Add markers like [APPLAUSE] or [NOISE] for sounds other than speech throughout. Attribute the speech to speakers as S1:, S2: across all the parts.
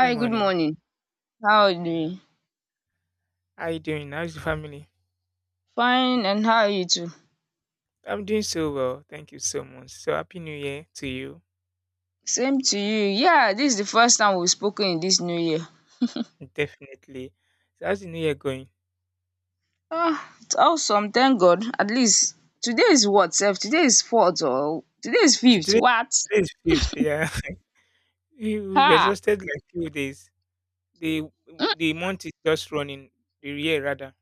S1: Good
S2: good
S1: morning.
S2: morning. How are you
S1: Yeah.
S2: doing?
S1: How you doing? How's the family?
S2: Fine, and how are you too?
S1: I'm doing so well. Thank you so much. So happy new year to you.
S2: Same to you. Yeah, this is the first time we've spoken in this new year.
S1: Definitely. So how's the new year going?
S2: Ah, it's awesome. Thank God. At least today is what, sef? Today is fourth or today is
S1: So
S2: fifth.
S1: today,
S2: What?
S1: today is fifth, yeah. [LAUGHS] We've
S2: Ha!
S1: exhausted like few days. The the month is just running. The year rather.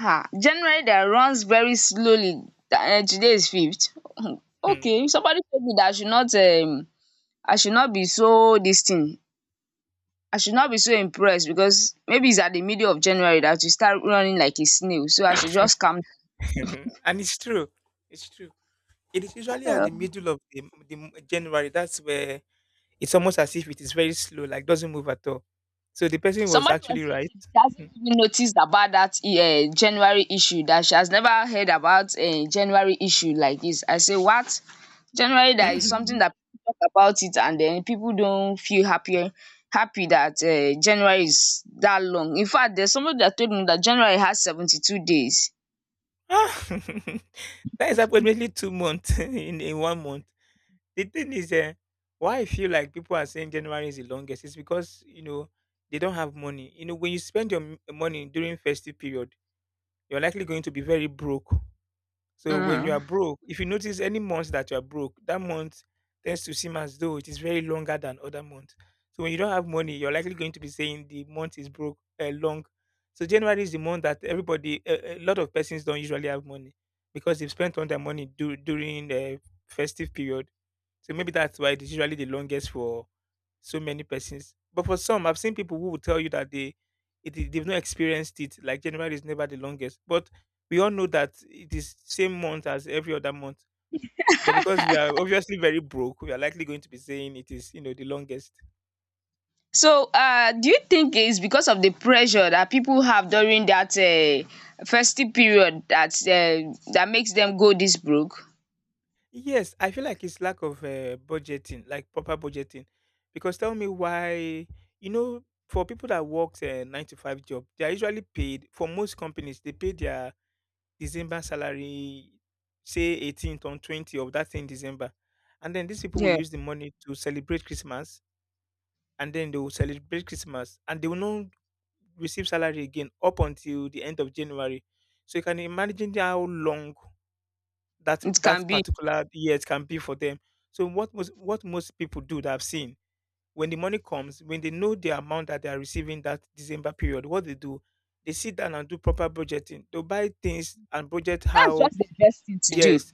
S2: Ha! January that runs very slowly. Today is fifth. [LAUGHS]
S1: Hmm.
S2: Okay, somebody told me that I should not be so this thing. I should not be so impressed because maybe it's at the middle of January that you start running like a snail. So I should just calm.
S1: [LAUGHS] And it's true. It's true. It is usually at
S2: Yeah.
S1: the middle of January. That's where it's almost as if it is very slow, like doesn't move at all. So the person was
S2: Somebody was
S1: actually
S2: saying
S1: right.
S2: she hasn't even noticed about that January issue, that she has never heard about a January issue like this. I say, what? January, that is something
S1: [LAUGHS]
S2: that people talk about it, and then people don't feel happy that January is that long. In fact, there's somebody that told me that January has 72 days.
S1: Ah, [LAUGHS] that is approximately 2 months [LAUGHS] in 1 month. The thing is, eh, Why I feel like people are saying January is the longest is because they don't have money. You know, when you spend your money during festive period, you're likely going to be very broke. So when you are
S2: Mm.
S1: broke, if you notice any month that you are broke, that month tends to seem as though it is very longer than other months. So when you don't have money, you're likely going to be saying the month is broke long. So January is the month that everybody, a lot of persons don't usually have money because they've spent all their money during the festive period. So maybe that's why it's usually the longest for so many persons. But for some, I've seen people who will tell you that they've not experienced it. Like January is never the longest, but we all know that it is same month as every other month. But because we are obviously very broke, we are likely going to be saying it is, you know, the longest.
S2: So, do you think it's because of the pressure that people have during that festive period, that makes them go this broke?
S1: Yes, I feel like it's lack of budgeting, like proper budgeting. Because tell me why, you know, for people that work a nine to five job, they are usually paid. For most companies, they pay their December salary, say 18th on 20th of that same December, and then these people will
S2: Yeah.
S1: use the money to celebrate Christmas and then they will celebrate Christmas and they will not receive salary again up until the end of January. So you can imagine how long that
S2: It can
S1: that
S2: be.
S1: particular year can be for them. So what most people do that I've seen when the money comes, when they know the amount that they are receiving that December period, what they do, they sit down and do proper budgeting. They'll buy things and budget
S2: That's
S1: how
S2: just the best thing to do.
S1: yes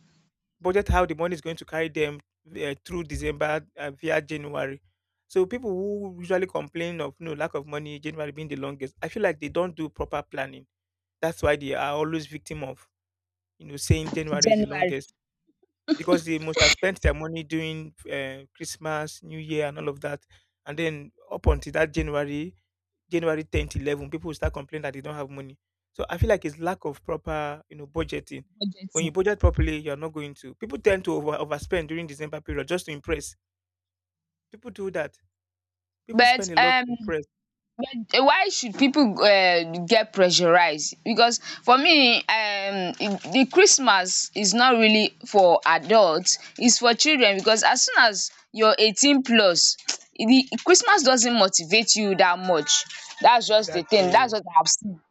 S1: budget how the money is going to carry them through December via January. So people who usually complain of no lack of money, January being the longest, I feel like they don't do proper planning. That's why they are always victim of, you know, saying January is the
S2: January
S1: longest because they must have spent their money doing Christmas, New Year, and all of that, and then up until that January, January 10th, 11, people will start complaining that they don't have money. So I feel like it's lack of proper, you know, budgeting. When you
S2: budgeting.
S1: budget properly, you're not going to. People tend to overspend during December period just to impress. People do that. People
S2: But
S1: spend a lot to
S2: um
S1: impress.
S2: but why should people get pressurized? Because for me the Christmas is not really for adults. It's for children, because as soon as you're 18 plus [TSK] the Christmas doesn't motivate you that much. That's just the thing. That's
S1: Exactly.
S2: what I have seen.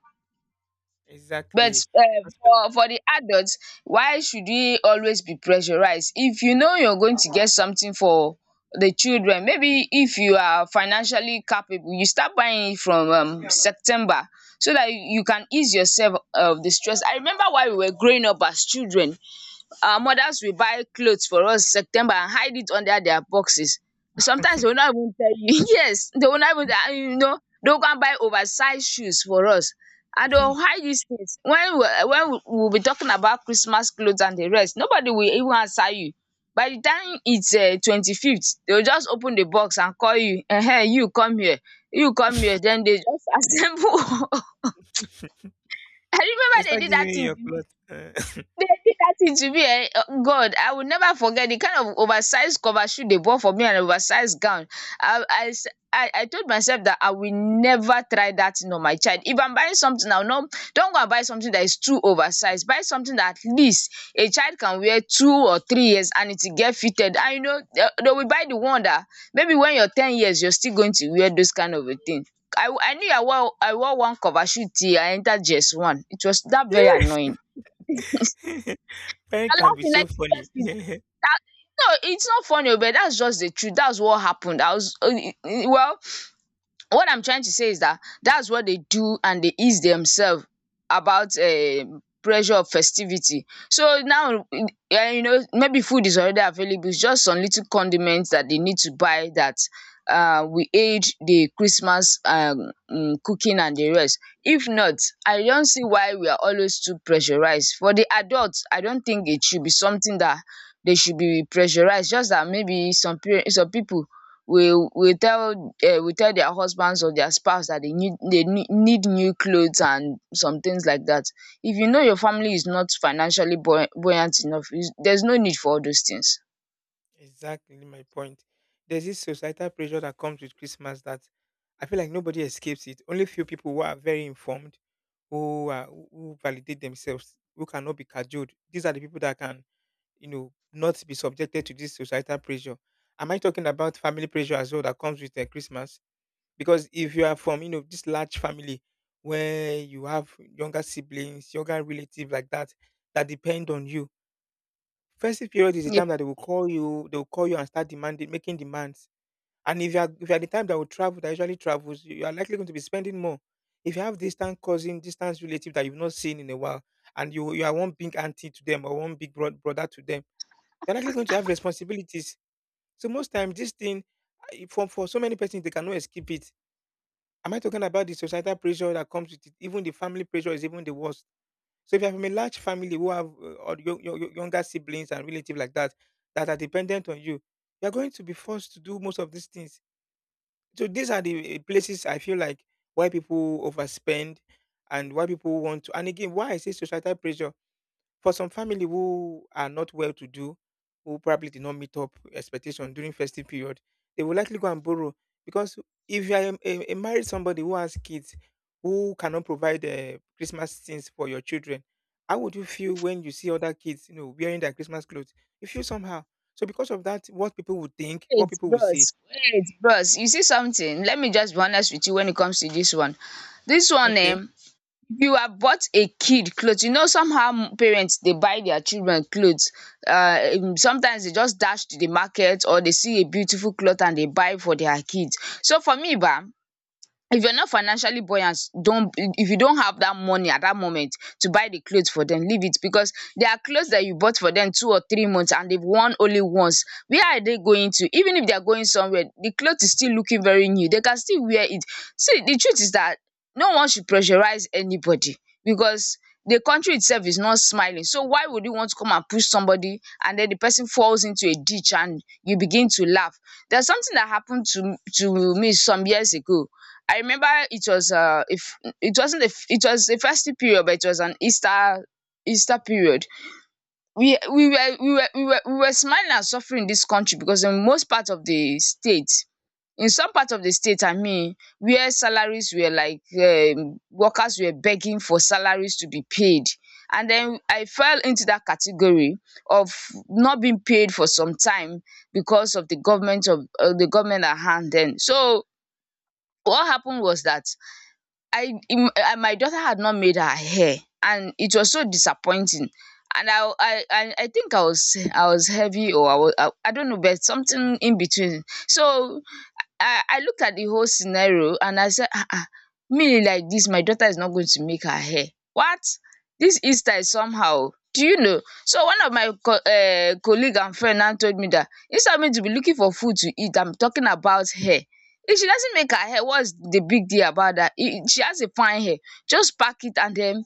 S2: But
S1: Exactly.
S2: um
S1: [LAUGHS]
S2: for for the adult, why should we always be pressurized? If you know you're going to get something for the children, maybe if you are financially capable, you start buying it from September, so that you can ease yourself of the stress. I remember while we were growing up as children, our mothers will buy cloth for us September and hide it under their boxes. Sometimes they will not even tell you, [LAUGHS] yes, they will not even they will go and buy oversize shoes for us, and they will hide these things. When we will be talking about Christmas cloth and the rest, nobody will even answer you. By the time it's 25th, they will just open the box and call you, you come here, you come here, then they just [LAUGHS] assemble. [LAUGHS] I
S1: They
S2: remember they
S1: start
S2: did
S1: giving
S2: that
S1: you
S2: thing
S1: your
S2: to
S1: plot.
S2: me.
S1: Uh,
S2: That to me, eh, God, I will never forget the kind of oversized cover shoe they bought for me, and oversized gown. I I s- I told myself that I will never try that thing on my child. If I'm buying something, I will no, don't go and buy something that is too oversized. Buy something that at least a child can wear 2 or 3 years and it will get fitted. And you know, they will buy the one that maybe when you're 10 years, you're still going to wear those kind of a thing. I knew I wore one cover shoe till I entered GS1. It was that very
S1: [LAUGHS]
S2: annoying.
S1: yeah. [LAUGHS] Parent
S2: You're
S1: can be
S2: laughing
S1: so
S2: like
S1: funny.
S2: seriously, that,
S1: [LAUGHS]
S2: that no, it's not funny, oh, but that's just the truth. That's what happened. I was well, what I'm trying to say is that that's what they do, and they ease themselves about pressure of festivity. So now, you know, maybe food is already available, it's just some little condiments that they need to buy that will aid the Christmas cooking and the rest. If not, I don't see why we are always too pressurized. For the adults, I don't think it should be something that they should be pressurized, just that maybe some people will will tell will tell their husbands or their spouse that they need new clothes and some things like that. If you know your family is not financially buoyant enough, there's no need for all those things.
S1: Exactly my point. There's this societal pressure that comes with Christmas that I feel like nobody escapes it. Only few people who are very informed who validate themselves, who cannot be cajoled. These are the people that can, you know, not be subjected to this societal pressure. Am I talking about family pressure as well that comes with Christmas? Because if you are from, you know, this large family where you have younger siblings, younger relatives like that, that depend on you. Festive period is the
S2: Yeah,
S1: time that they will call you, they will call you and start demanding, making demands. And if you are the type that will travel, that usually travels, you are likely going to be spending more. If you have distant cousin, distant relative that you've not seen in a while, and you are one big auntie to them or one big brother to them, you're likely going to have responsibilities. So most times, this thing, for so many persons, they cannot escape it. Am I talking about the societal pressure that comes with it? Even the family pressure is even the worst. So if you have a large family who have or younger siblings and relatives like that that are dependent on you, you are going to be forced to do most of these things. So these are the places I feel like why people overspend and why people want to. And again, why I say societal pressure, for some family who are not well to do, who probably did not meet up expectation during festive period, they will likely go and borrow because if you are a married somebody who has kids who cannot provide Christmas things for your children, how would you feel when you see other kids, you know, wearing their Christmas clothes? You feel somehow. So because of that, what people would think, what
S2: wait,
S1: people would say,
S2: bros, wait, bros. You see something? Let me just be honest with you when it comes to this one. This one,
S1: okay.
S2: you have bought a kid cloth. You know, somehow, parents dey buy their children cloth, sometimes they just dash to the market, or they see a beautiful cloth and they buy for their kids. So for me, ba, if you're not financially buoyant, don't, if you don't have that money at that moment to buy the clothes for them, leave it. Because there are clothes that you bought for them 2 or 3 months and they've worn only once. Where are they going? To even if they're going somewhere, the clothes is still looking very new, they can still wear it. See, the truth is that no one should pressurize anybody, because the country itself is not smiling. So why would you want to come and push somebody, and then the person falls into a ditch and you begin to laugh? There's something that happened to me some years ago. I remember it was if it wasn't a f- it was a festive period, but it was an Easter period. We were we were we were we were smiling and suffering in this country, because in most part of the state, in some part of the state, I mean, where salaries were like, workers were begging for salaries to be paid. And then I fell into that category of not being paid for some time, because of the government of, the government at hand then. So what happened was that I I my daughter had not made her hair, and it was so disappointing. And I think I was heavy, or I was I don't know, but something in between. So I looked at the whole scenario and I said, ah ah, me like this, my daughter is not going to make her hair. What? This Easter is somehow. Do you know? So one of my co colleague and friend now told me that, instead of me to be looking for food to eat, I'm talking about hair. If she doesn't make her hair, what's the big deal about that? If she has a fine hair, just pack it, and then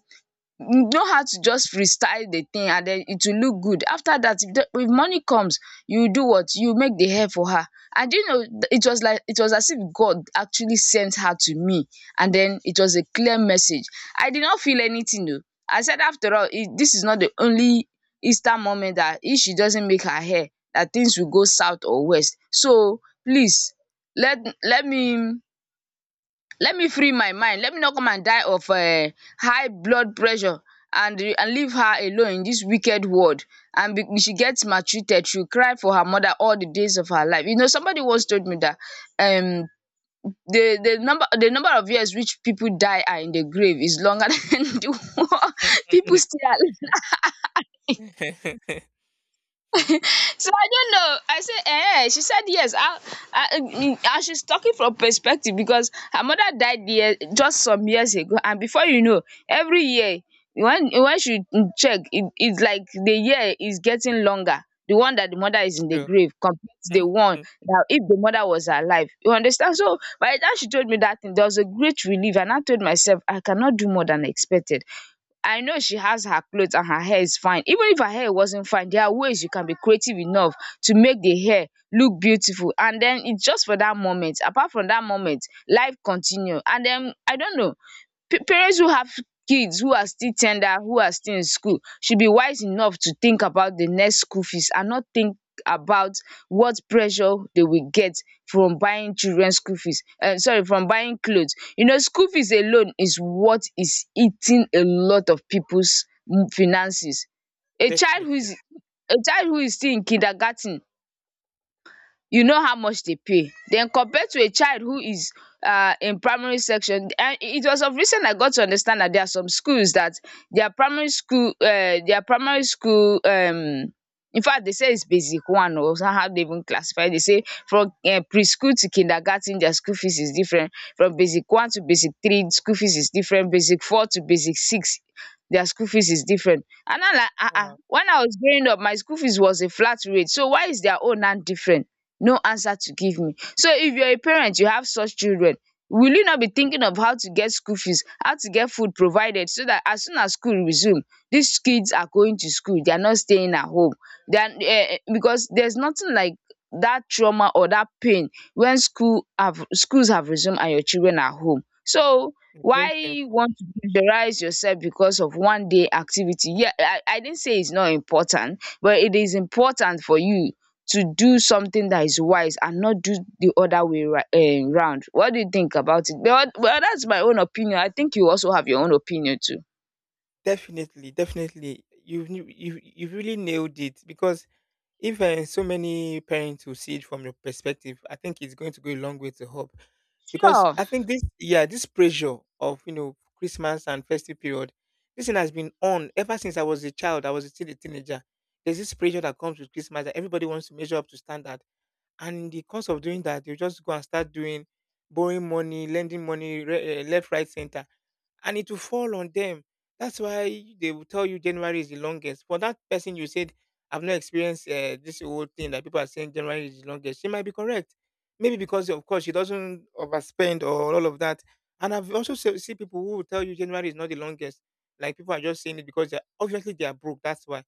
S2: know how to just freestyle the thing, and then it will look good. After that, if the, if money comes, you do what? You make the hair for her. And do you know, it was like, it was as if God actually sent her to me. And then it was a clear message. I did not feel anything though. I said, after all, it, this is not the only Easter moment that if she doesn't make her hair, that things will go south or west. So please, let let me, let me free my mind, let me not come and die of high blood pressure, and leave her alone in this wicked world. She gets maltreated, she will cry for her mother all the days of her life. You know, somebody once told me that, um the number of years which people die are in the grave is longer [LAUGHS] than the [LAUGHS] people still alive.
S1: [LAUGHS] [LAUGHS] Mm.
S2: So I don't know. I said, eh. She said yes. And she's talking from perspective, because her mother died year, just some years ago, and before you know, every year, when she, check, it's like the year is getting longer. The one that the mother is in the
S1: True.
S2: grave compared to
S1: [LAUGHS]
S2: the one that if the mother was alive. You understand? So by the time she told me that thing, there was a great relief, and I told myself I cannot do more than expected. I know she has her clothes and her hair is fine. Even if her hair wasn't fine, there are ways you can be creative enough to make the hair look beautiful. And then it's just for that moment. Apart from that moment, life continue. And then I don't know. Parents who have kids who are still in school should be wise enough to think about the next school fees, and not think about what pressure they will get from buying children school fees, sorry, from buying cloth. You know, school fees alone is what is eating a lot of people's finances. a child who
S1: Definitely.
S2: is a child who is still in kindergarten, you know how much they pay. Then compared to a child who is, in primary section. And it was of recent I got to understand that there are some schools that their primary school in fact they say it's basic one. One o How they even classify, they say from preschool to kindergarten their school fees is different, from basic one to basic three school fees is different, basic four to basic six their school fees is different. And I'm like, ah ah,
S1: Wow.
S2: when I was growing up my school fees was a flat rate, so why is their own now different? No answer to give me. So if you're a parent, you have such children, will you not be thinking of how to get school fees, how to get food provided so that as soon as school resume these kids are going to school, they are not staying at home. They are because there's nothing like that trauma or that pain when schools have resumed and your children are home. So
S1: It's very
S2: why you
S1: painful.
S2: want to pressurize yourself because of one day activity? Yeah, I didn't say it's not important, but it is important for you to do something that is wise and not do the other way round. What do you think about it? Well, that's my own opinion. I think you also have your own opinion too.
S1: Definitely, definitely. You've you you you've really nailed it because if so many parents will see it from your perspective, I think it's going to go a long way to help. Because
S2: Sure.
S1: I think this yeah, this pressure of, you know, Christmas and festive period, this thing has been on ever since I was a child, I was still a teenager. There's this pressure that comes with Christmas that everybody wants to measure up to standard, and in the course of doing that they'll just go and start doing borrowing money, lending money, left, right, center, and it will fall on them. That's why they will tell you January is the longest. For that person you said, I've not experienced this whole thing that people are saying January is the longest, she might be correct, maybe because of course she doesn't overspend or all of that. And I've also see people who will tell you January is not the longest, like people are just saying it because they're obviously they are broke. That's why,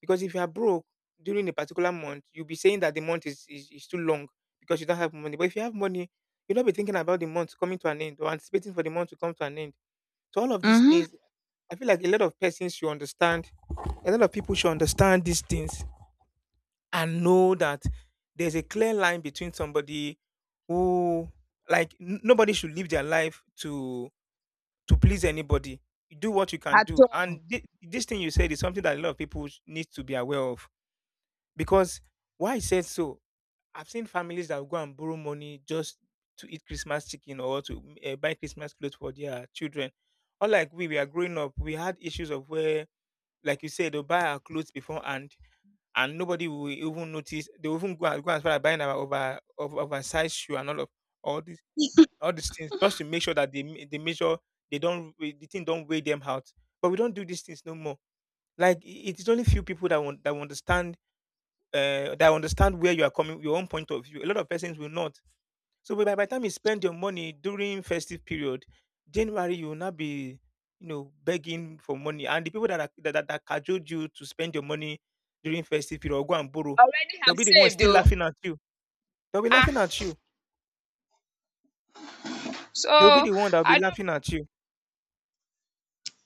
S1: because if you are broke during a particular month, you'll be saying that the month is too long because you don't have money. But if you have money, you'll not be thinking about the month coming to an end or anticipating for the month to come to an end. So all of these
S2: Mm-hmm.
S1: things, I feel like a lot of persons should understand, a lot of people should understand these things and know that there's a clear line between somebody who, like, nobody should live their life to please anybody. You do what you can
S2: At
S1: do. And
S2: all.
S1: this thing you said is something that a lot of people need to be aware of. Because why I said so, I've seen families that will go and borrow money just to eat Christmas chicken or to buy Christmas clothes for their children. Unlike we are growing up, we had issues of where, like you said, they'll buy our clothes beforehand and nobody will even notice. They'll even go and, go and start buying our oversized shoe and all of all these all these things just to make sure that they, they measure, they don't, the thing don't weigh them out. But we don't do these things no more. Like it is only few people that want that will understand that understand where you are coming, your own point of view. A lot of persons will not. So by the time you spend your money during festive period, January you will not be, you know, begging for money. And the people that are, that, that cajoled you to spend your money during festive period or go and borrow,
S2: Already
S1: they'll
S2: have
S1: be the ones
S2: saved
S1: still
S2: though.
S1: laughing at you. They'll be
S2: Ah,
S1: laughing at you. They'll be
S2: so
S1: the one that'll be
S2: I don't
S1: laughing at you.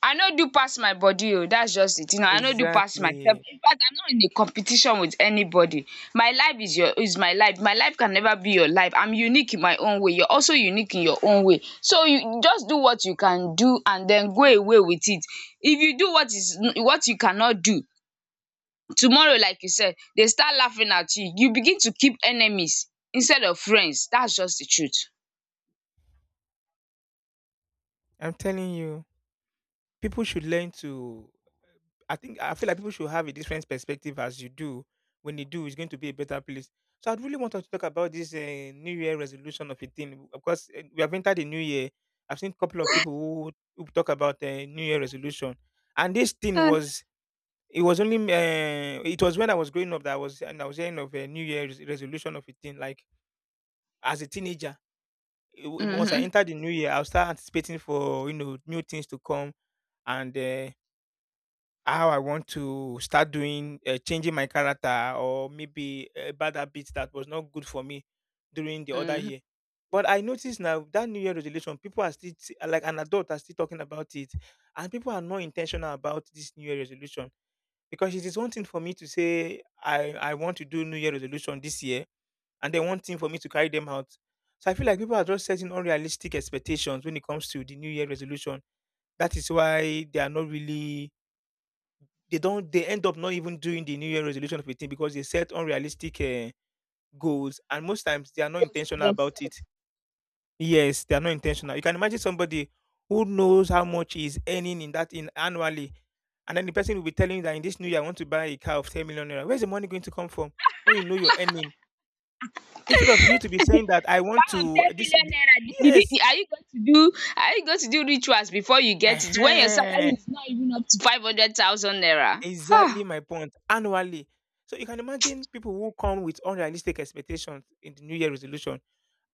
S2: I no do pass my body oh. That's just it. You know, I no do pass myself.
S1: Exactly.
S2: In fact, I'm not in a competition with anybody. My life is my life. My life can never be your life. I'm unique in my own way. You're also unique in your own way. So you just do what you can do and then go away with it. If you do what you cannot do, tomorrow like you said, they start laughing at you. You begin to keep enemies instead of friends. That's just the truth.
S1: I'm telling you, people should learn to, I think I feel like people should have a different perspective as you do. When you do, it's going to be a better place. So I'd really want us to talk about this New Year resolution of a thing. Of course, eh, we have entered the New Year. I've seen a couple of people who talk about New Year resolution, and this thing
S2: um
S1: was it Was only it was when I was growing up that I was hearing of a New Year resolution of a thing. Like as a teenager, once I
S2: mhm.
S1: entered the New Year, I'll start anticipating for new things to come and how I want to start doing changing my character or maybe a bad habit that was not good for me during the other
S2: Mhm.
S1: year. But I notice now that New Year resolution, people are still like an adult are still talking about it, and people are not intentional about this New Year resolution because it is one thing for me to say I want to do New Year resolution this year, and then one thing for me to carry them out. So I feel like people are just setting unrealistic expectations when it comes to the New Year resolution. That is why they end up not even doing the new year resolution of a thing because they set unrealistic goals, and most times they are not
S2: Goes for
S1: intentional about
S2: themself.
S1: it. Yes, they are not intentional. You can imagine somebody who knows how much he is earning in annually, and then the person will be telling you that in this new year I want to buy a car of 10 million naira. Where's the money going to come from when you know you're earning? Instead of you to be saying that I want
S2: Out of
S1: to
S2: ten
S1: this
S2: million naira, did it,
S1: yes.
S2: are you going to do rituals before you get it when your salary
S1: Ehen.
S2: is not even up to 500,000 naira? um
S1: Exactly my point. Annually. So you can imagine people who come with unrealistic expectations in the New Year resolution.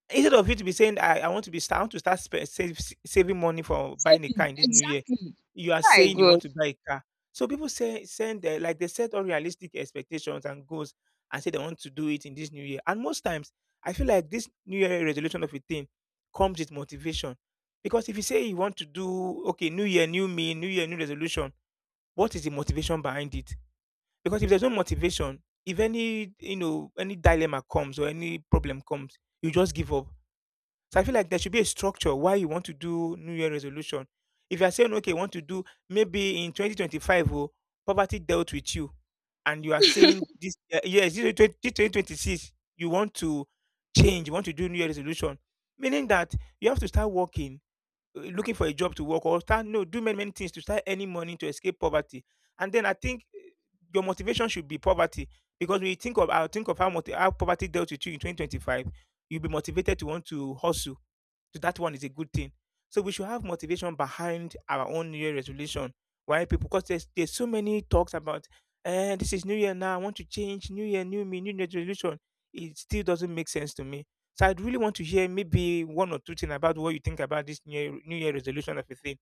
S1: Instead of you to be saying, I want to be start I want to start save, saving money for buying a car
S2: Saving,
S1: in this New Year,
S2: exactly.
S1: you are
S2: My
S1: saying you
S2: God.
S1: want to buy a car. So people say send like they set unrealistic expectations and goals and say they want to do it in this New Year. And most times, I feel like this New Year resolution of a thing comes with motivation. Because if you say you want to do, okay, New Year, new me, New Year, new resolution, what is the motivation behind it? Because if there's no motivation, if any you know any dilemma comes or any problem comes, you just give up. So I feel like there should be a structure why you want to do New Year resolution. If you are saying, okay, I want to do maybe in 2025, oh, poverty dealt with you, and you are saying this yes, this 2026, you want to change, you want to do New Year resolution, meaning that you have to start working, looking for a job to work, or start no do many many things to start earning money to escape poverty. And then I think your motivation should be poverty, because when you think of I'll think of how, multi, how poverty dealt with you in 2025, you'll be motivated to want to hustle. So that one is a good thing. So we should have motivation behind our own New Year resolution. Why people? Because there's so many talks about, this is New Year now. I want to change. New Year, New Me, New Year resolution. It still doesn't make sense to me. So I'd really want to hear maybe one or two things about what you think about this New Year, New Year resolution of a thing.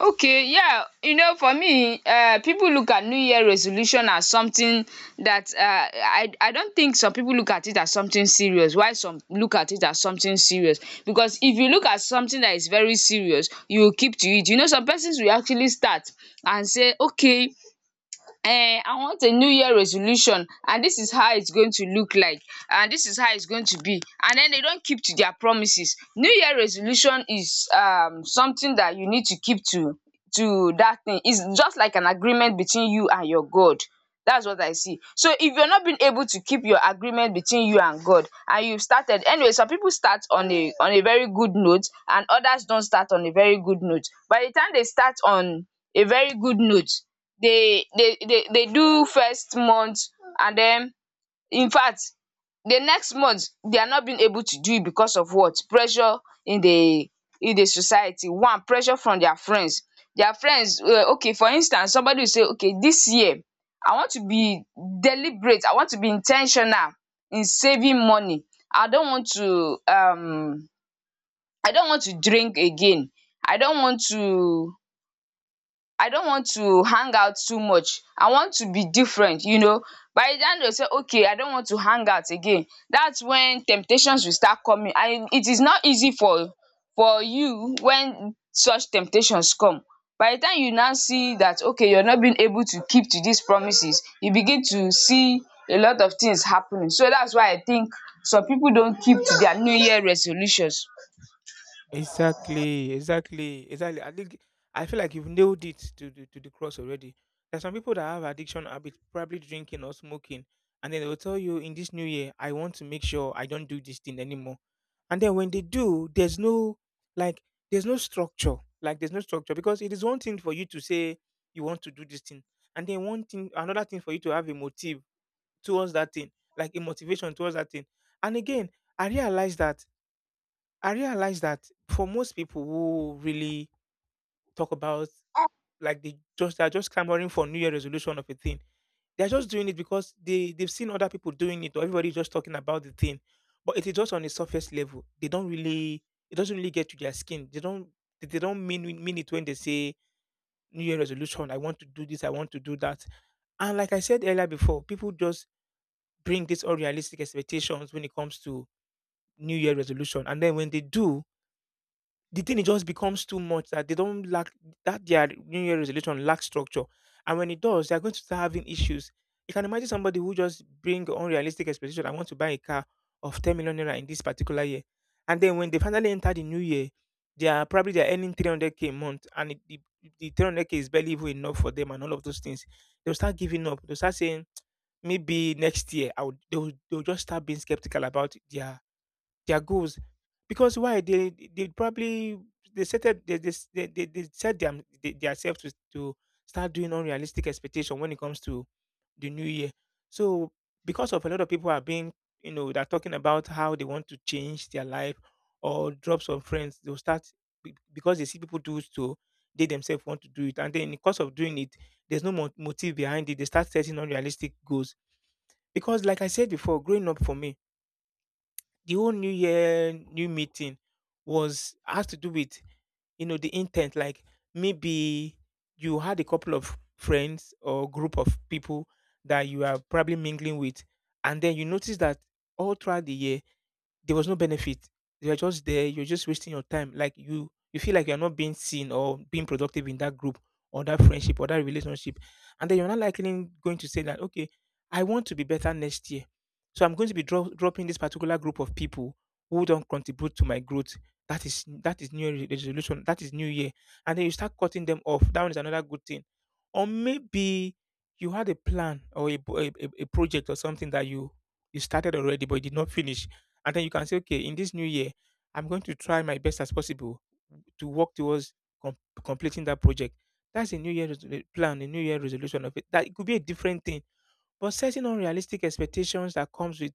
S2: Okay, yeah, you know, for me, people look at New Year resolution as something that I don't think some people look at it as something serious, while some look at it as something serious. Because if you look at something that is very serious, you will keep to it. You know, some persons will actually start and say, okay, I want a New Year resolution and this is how it's going to look like, and this is how it's going to be, and then they don't keep to their promises. New Year resolution is something that you need to keep to that thing. It's just like an agreement between you and your God. That's what I see. So if you're not being able to keep your agreement between you and God, and you've started anyway, some people start on a very good note and others don't start on a very good note. By the time they start on a very good note, dey dey dey dey do first month, and den infact the next month they are not being able to do it, because of what? Pressure in the in the society. One pressure from their friends. Their friends, okay, for instance somebody will say, okay, dis year I want to be deliberate, I want to be in ten tional in saving money. I don't want to drink again. I don't want to I don't want to hang out too much. I want to be different. By the time they say, okay, I don't want to hang out again, that's when temptations will start coming. And it is not easy for you when such temptations come. By the time you now see that, okay, you're not being able to keep to these promises, you begin to see a lot of things happening. So that's why I think some people don't keep to their New Year resolutions.
S1: Exactly, exactly, exactly. I think I feel like you've nailed it to the cross already. There's some people that have addiction habits, probably drinking or smoking, and then they will tell you in this new year, I want to make sure I don't do this thing anymore. And then when they do, there's no, like, there's no structure. Like there's no structure, because it is one thing for you to say you want to do this thing, and then one thing another thing for you to have a motive towards that thing, like a motivation towards that thing. And again, I realized that I realized that for most people who really talk about, like they just they're just clamoring for New Year resolution of a thing. They're just doing it because they've seen other people doing it, or everybody's just talking about the thing. But it is just on a surface level. They don't really, it doesn't really get to their skin. They don't mean it when they say New Year resolution. I want to do this. I want to do that. And like I said earlier before, people just bring these unrealistic expectations when it comes to New Year resolution. And then when they do, the thing it just becomes too much that they don't lack that their new year resolution lacks structure. And when it does, they're going to start having issues. You can imagine somebody who just bring unrealistic expectation. I want to buy a car of 10 million naira in this particular year, and then when they finally enter the new year, they are probably they're earning 300k a month, and the 300k is barely even enough for them and all of those things. They'll start giving up. They'll start saying maybe next year I would they'll just start being skeptical about their goals. Because why? They probably they set it- they s- they set themselves to start doing unrealistic expectation when it comes to the new year. So, because of a lot of people are being, you know, they're talking about how they want to change their life or drop some friends, they'll start because they see people do it, so they themselves want to do it, and then in the course of doing it, there's no motive behind it. They start setting unrealistic goals because, like I said before, growing up for me the whole new year new meeting was has to do with, you know, the intent. Like maybe you had a couple of friends or group of people that you are probably mingling with, and then you notice that all throughout the year there was no benefit. You are just there. You're just wasting your time. Like you feel like you're not being seen or being productive in that group or that friendship or that relationship, and then you're not likely going to say that, okay, I want to be better next year, so I'm going to be dropping this particular group of people who don't contribute to my growth. That is new resolution. That is new year, and then you start cutting them off. That one is another good thing. Or maybe you had a plan or a project or something that you started already but you did not finish, and then you can say, okay, in this new year, I'm going to try my best as possible to work towards com- completing that project. That's a new year resolu- plan, a new year resolution of it. That it could be a different thing, but setting unrealistic expectations that comes with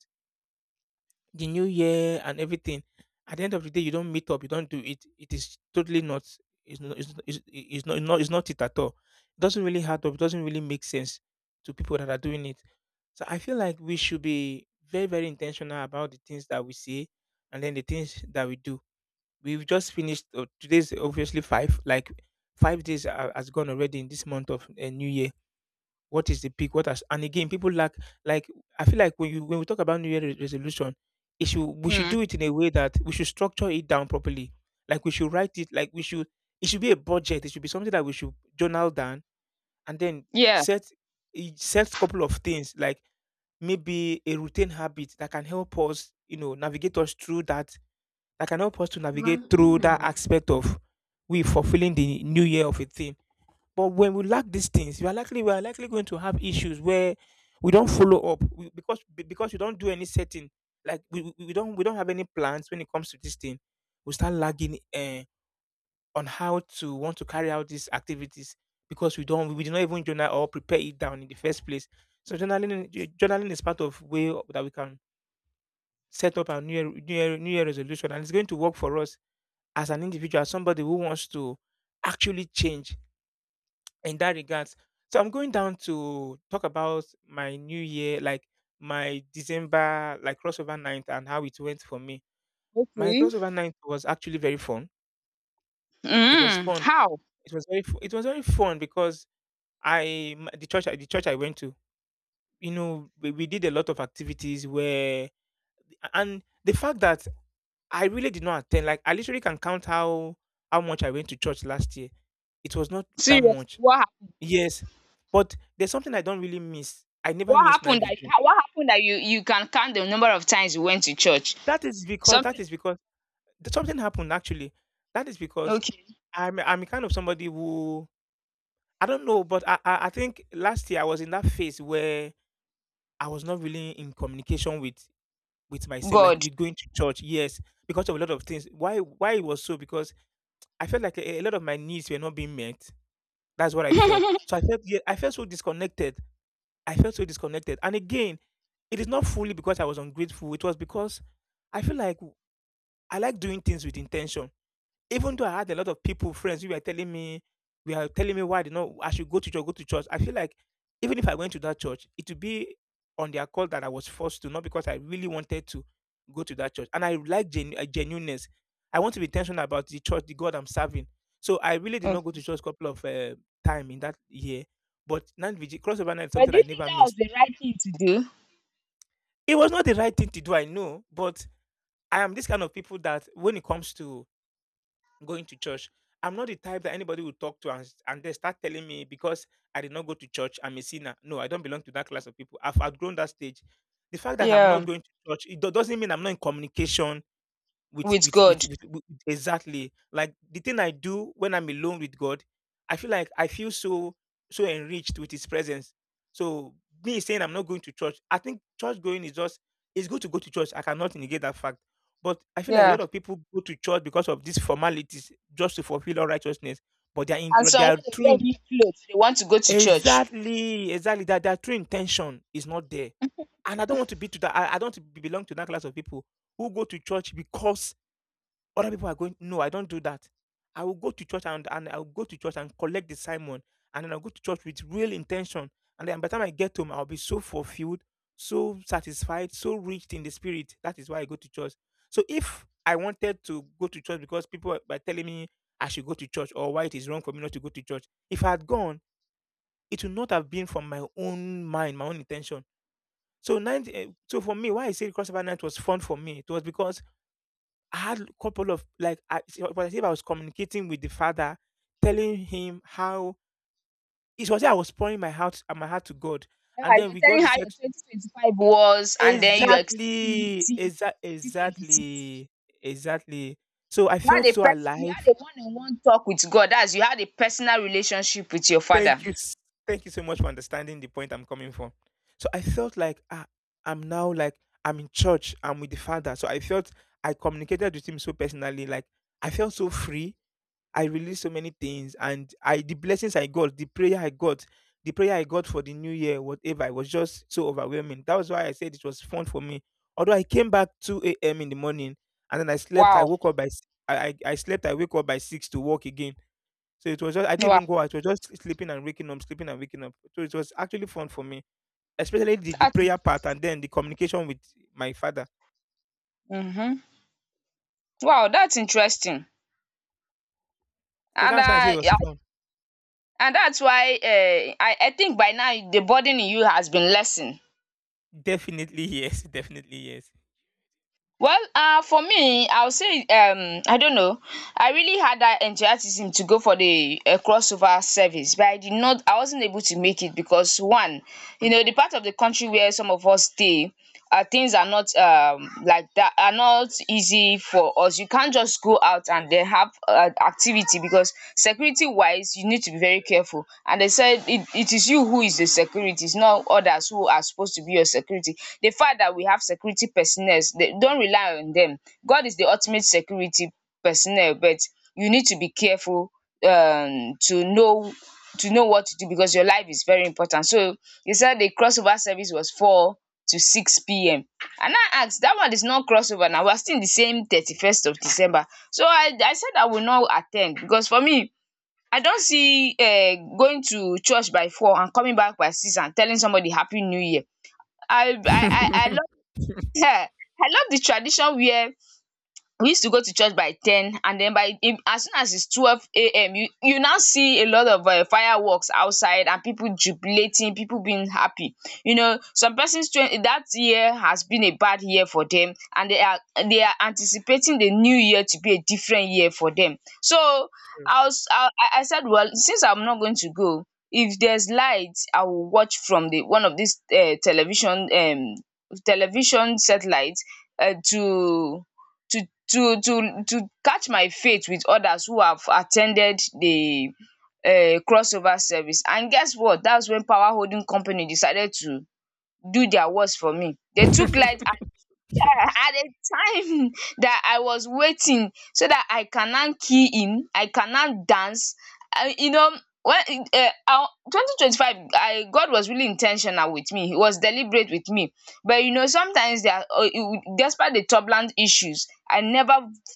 S1: the new year and everything, at the end of the day, you don't meet up, you don't do it. It is totally not. It's not. It's not it at all. It doesn't really add up. It doesn't really make sense to people that are doing it. So I feel like we should be very, very intentional about the things that we say and then the things that we do. We've just finished, today's obviously five, like 5 days has gone already in this month of New Year. What is the peak? What has, and again people lack, like, I feel like when you when we talk about New Year resolution, it should we should
S2: Hmm.
S1: do it in a way that we should structure it down properly. Like we should write it, like we should, it should be a budget. It should be something that we should journal down, and then
S2: Yeah.
S1: set, set couple of things, like maybe a routine habit that can help us, you know, navigate us through that, that can help us to navigate one, through that, mhm, aspect of we fulfilling the new year of a thing. But when we lack these things, we are likely, we are likely going to have issues where we don't follow because because we don't do any setting. Like we don't, we don't have any plans when it comes to this thing. We start lagging. On how to want to carry out these activities because we did not even journal or prepare it down in the first place. So journaling journaling is part of way that we can set up our new year, new year resolution and it's going to work for us as an individual, as somebody who wants to actually change in that regards. So I'm going down to talk about my new year, like my December like crossover night and how it went for me. My
S2: Okay.
S1: crossover night was actually very fun. It was
S2: Mm.
S1: fun.
S2: How?
S1: It was it was very fun because the church I went to, you know, we did a lot of activities where and the fact that I really did not attend, like I literally can count how much I went to church last year. It was not that
S2: Seriously,
S1: much.
S2: what happened?
S1: Yes. But there's something I don't really miss. I never
S2: What
S1: miss night
S2: happened that
S1: vigil.
S2: what happened that you can count the number of times you went to church?
S1: That is because,
S2: Something.
S1: something happened actually. That is because
S2: Okay,
S1: I'm kind of somebody who I don't know, but I think last year I was in that phase where I was not really in communication with myself, like
S2: God.
S1: with going to church, yes, because of a lot of things. Why it was so? Because I felt like a lot of my needs were not being met. That's what I felt. So I felt yeah, I felt so disconnected. I felt so disconnected. And again, it is not fully because I was ungrateful. It was because I feel like I like doing things with intention. Even though I had a lot of people, friends who were telling me why they know I should go to church, go to church. I feel like even if I went to that church, it would be on their call that I was forced to, not because I really wanted to go to that church. And I like genuineness. I want to be intentional about the church, the God I'm serving. So I really did not go
S2: Okay.
S1: to church a couple of time in that year. But night vigil, crossover night is
S2: But
S1: something
S2: do
S1: I
S2: you think
S1: never
S2: that was
S1: missed.
S2: the right thing to do?
S1: It was not the right thing to do, I know, but I am this kind of people that when it comes to going to church. I'm not the type that anybody will talk to and they start telling me because I did not go to church, I'm a sinner. No, I don't belong to that class of people. I've outgrown that stage. The fact that I'm not
S2: Yeah,
S1: going to church, it doesn't mean I'm not in communication. With
S2: with
S1: with with
S2: God.
S1: with with exactly. Like the thing I do when I'm alone with God, I feel like I feel so enriched with his presence. So me saying I'm not going to church, I think church going is just it's good to go to church. I cannot negate that fact. But I feel like a
S2: Yeah.
S1: lot of people go to church because of these formalities just to fulfill all righteousness. But
S2: And
S1: they
S2: some,
S1: are
S2: when they
S1: true
S2: wear
S1: in-
S2: new clothes, they want to go to church.
S1: exactly, exactly that their true intention is not there. And I don't want to be to that I don't want to belong to that class of people who go to church because other people are going, no, I don't do that. I will go to church and I'll go to church and collect the Simon. And then I'll go to church with real intention. And then by the time I get home, I'll be so fulfilled, so satisfied, so rich in the spirit. That is why I go to church. So if I wanted to go to church because people were telling me I should go to church or why it is wrong for me not to go to church, if I had gone, it would not have been from my own mind, my own intention. So so for me, why I say crossover night was fun for me, it was because I had a couple of like I it was as if I was communicating with the father, telling him how it was I was pouring my heart to God.
S2: Yeah,
S1: And then
S2: you're
S1: we got
S2: telling her your 2025 was, and then you're expecting new
S1: exactly,
S2: things in 2026.
S1: exactly, exactly. So I felt so
S2: You had
S1: alive.
S2: a one-on-one talk with God. That's, you had a personal relationship with your father.
S1: Thank you, s- thank you so much for understanding the point I'm coming from. So I felt like ah, I'm now like I'm in church. I'm with the father. So I felt I communicated with him so personally. Like I felt so free I released so many things and I the blessings I got, the prayer I got for the new year, whatever, it was just so overwhelming. That was why I said it was fun for me. Although I came back 2 a.m. in the morning and then I slept, I
S2: Wow.
S1: woke up by s- I slept, I wake up by 6 to work again. So it was just I didn't
S2: Wow.
S1: even go out, it was just sleeping and waking up, sleeping and waking up. So it was actually fun for me. Especially the
S2: That's
S1: prayer part
S2: interesting.
S1: and then the communication with my father.
S2: Mm-hmm. Wow, that's interesting.
S1: So
S2: And
S1: that's why I say it
S2: I,
S1: was
S2: I
S1: fun.
S2: and that's why I think by now the burden in you has been lessened.
S1: Definitely yes, [LAUGHS] definitely
S2: Well, for me, I'll say, I don't know. I really had that enthusiasm to go for the crossover service, but I did not. I wasn't able to make it because, one, you know, the part of the country where some of us stay, things are not like that, are not easy for us. You can't just go out and then have activity because, security wise, you need to be very careful. And they said, it is you who is the security, it's not others who are supposed to be your security. The fact that we have security personnel, they don't rely on them. God is the ultimate security personnel, but you need to be careful um to know to know what to do because your life is very important. So they said the crossover service was four to six pm. And I asked, that one is not crossover. Now we are still in the same 31st of December. So I said, I will not attend, because for me, I don't see going to church by 4 and coming back by 6 and telling somebody happy new year. I love
S1: yes.
S2: [LAUGHS]
S1: [LAUGHS]
S2: um I love the tradition where we used to go to church by 10 and then by im as soon as it's 12 a.m. you now see a lot of fireworks outside, and people jubilating, people being happy. You know, some persons, twen that year has been a bad year for them, and they are anticipating the new year to be a different year for them, so
S1: True.
S2: I said, well, since I'm not going to go, if there's light I will watch from the one of these television, television satellite, um to to catch my faith with others who have attended the crossover service. And guess what, that's when power holding company decided to do their worst for me. They took light. [LAUGHS]
S1: [LAUGHS]
S2: Yeah, at a time [LAUGHS] that I was waiting so that I cannot key in, I cannot dance. You know, when 2025, I God was really intentional with me. He was deliberate with me. But you know, sometimes, despite the turbulent issues,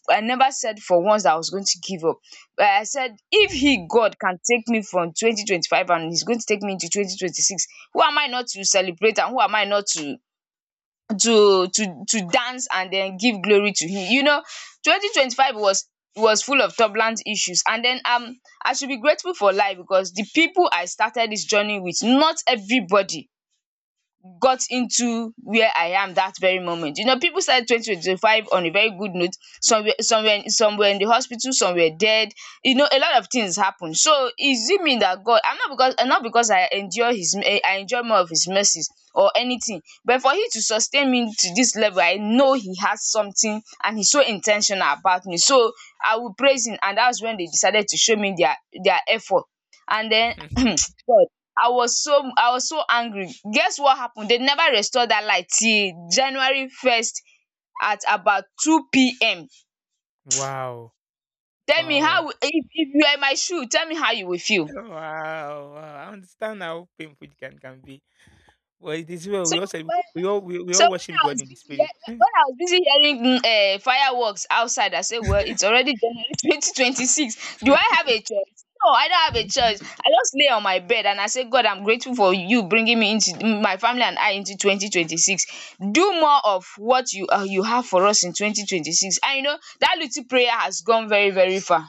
S2: I never said for once that I was going to give up. But I said, if He, God, can take me from 2025 and He's going to take me into 2026, who am I not to celebrate, and who am I not to to dance and then give glory to him. You know, 2025 was full of turbulent issues, and then I should be grateful for life, because the people I started this journey with, not everybody got into where I am that very moment. You know, people started 2025 on a very good note. Some were in the hospital, some were dead. You know, a lot of things happened. So is it mean that God? I'm not, because not because I enjoy more of His mercies or anything, but for Him to sustain me to this level, I know He has something, and He's so intentional about me. So I will praise Him, and that's when they decided to show me their effort, and then [CLEARS THROAT] God. I was so angry. Guess what happened? They never restored that light till January 1st at about two pm.
S1: Wow.
S2: Tell me
S1: Wow.
S2: how, if you are in my shoe, tell me how you will feel.
S1: Wow, wow. I understand how painful it can be. But it is well.
S2: So
S1: We all say
S2: when
S1: we
S2: So
S1: all
S2: when
S1: worship
S2: I
S1: God
S2: was
S1: in the
S2: busy hea
S1: spirit.
S2: when I was busy hearing fireworks outside, I say, well, it's already January [LAUGHS] 2026. Do I have a choice? No, I don't have a choice.
S1: [LAUGHS]
S2: I just lay on my bed and I say, God, I'm grateful for you bringing me into, my family and I, into 2026. Do more of what you have for us in 2026, and you know that little prayer has gone very very far.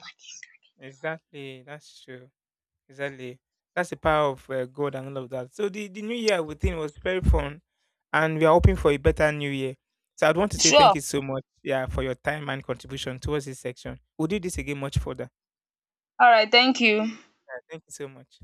S1: exactly. That's true. Exactly. That's the power of God and all of that. So the new year within was very fun, and we are hoping for a better new year. So I'd want to say
S2: Sure,
S1: thank you so much, yeah, for your time and contribution towards this section. We'll do this again much further.
S2: alright, thank you.
S1: Yeah, thank you so much.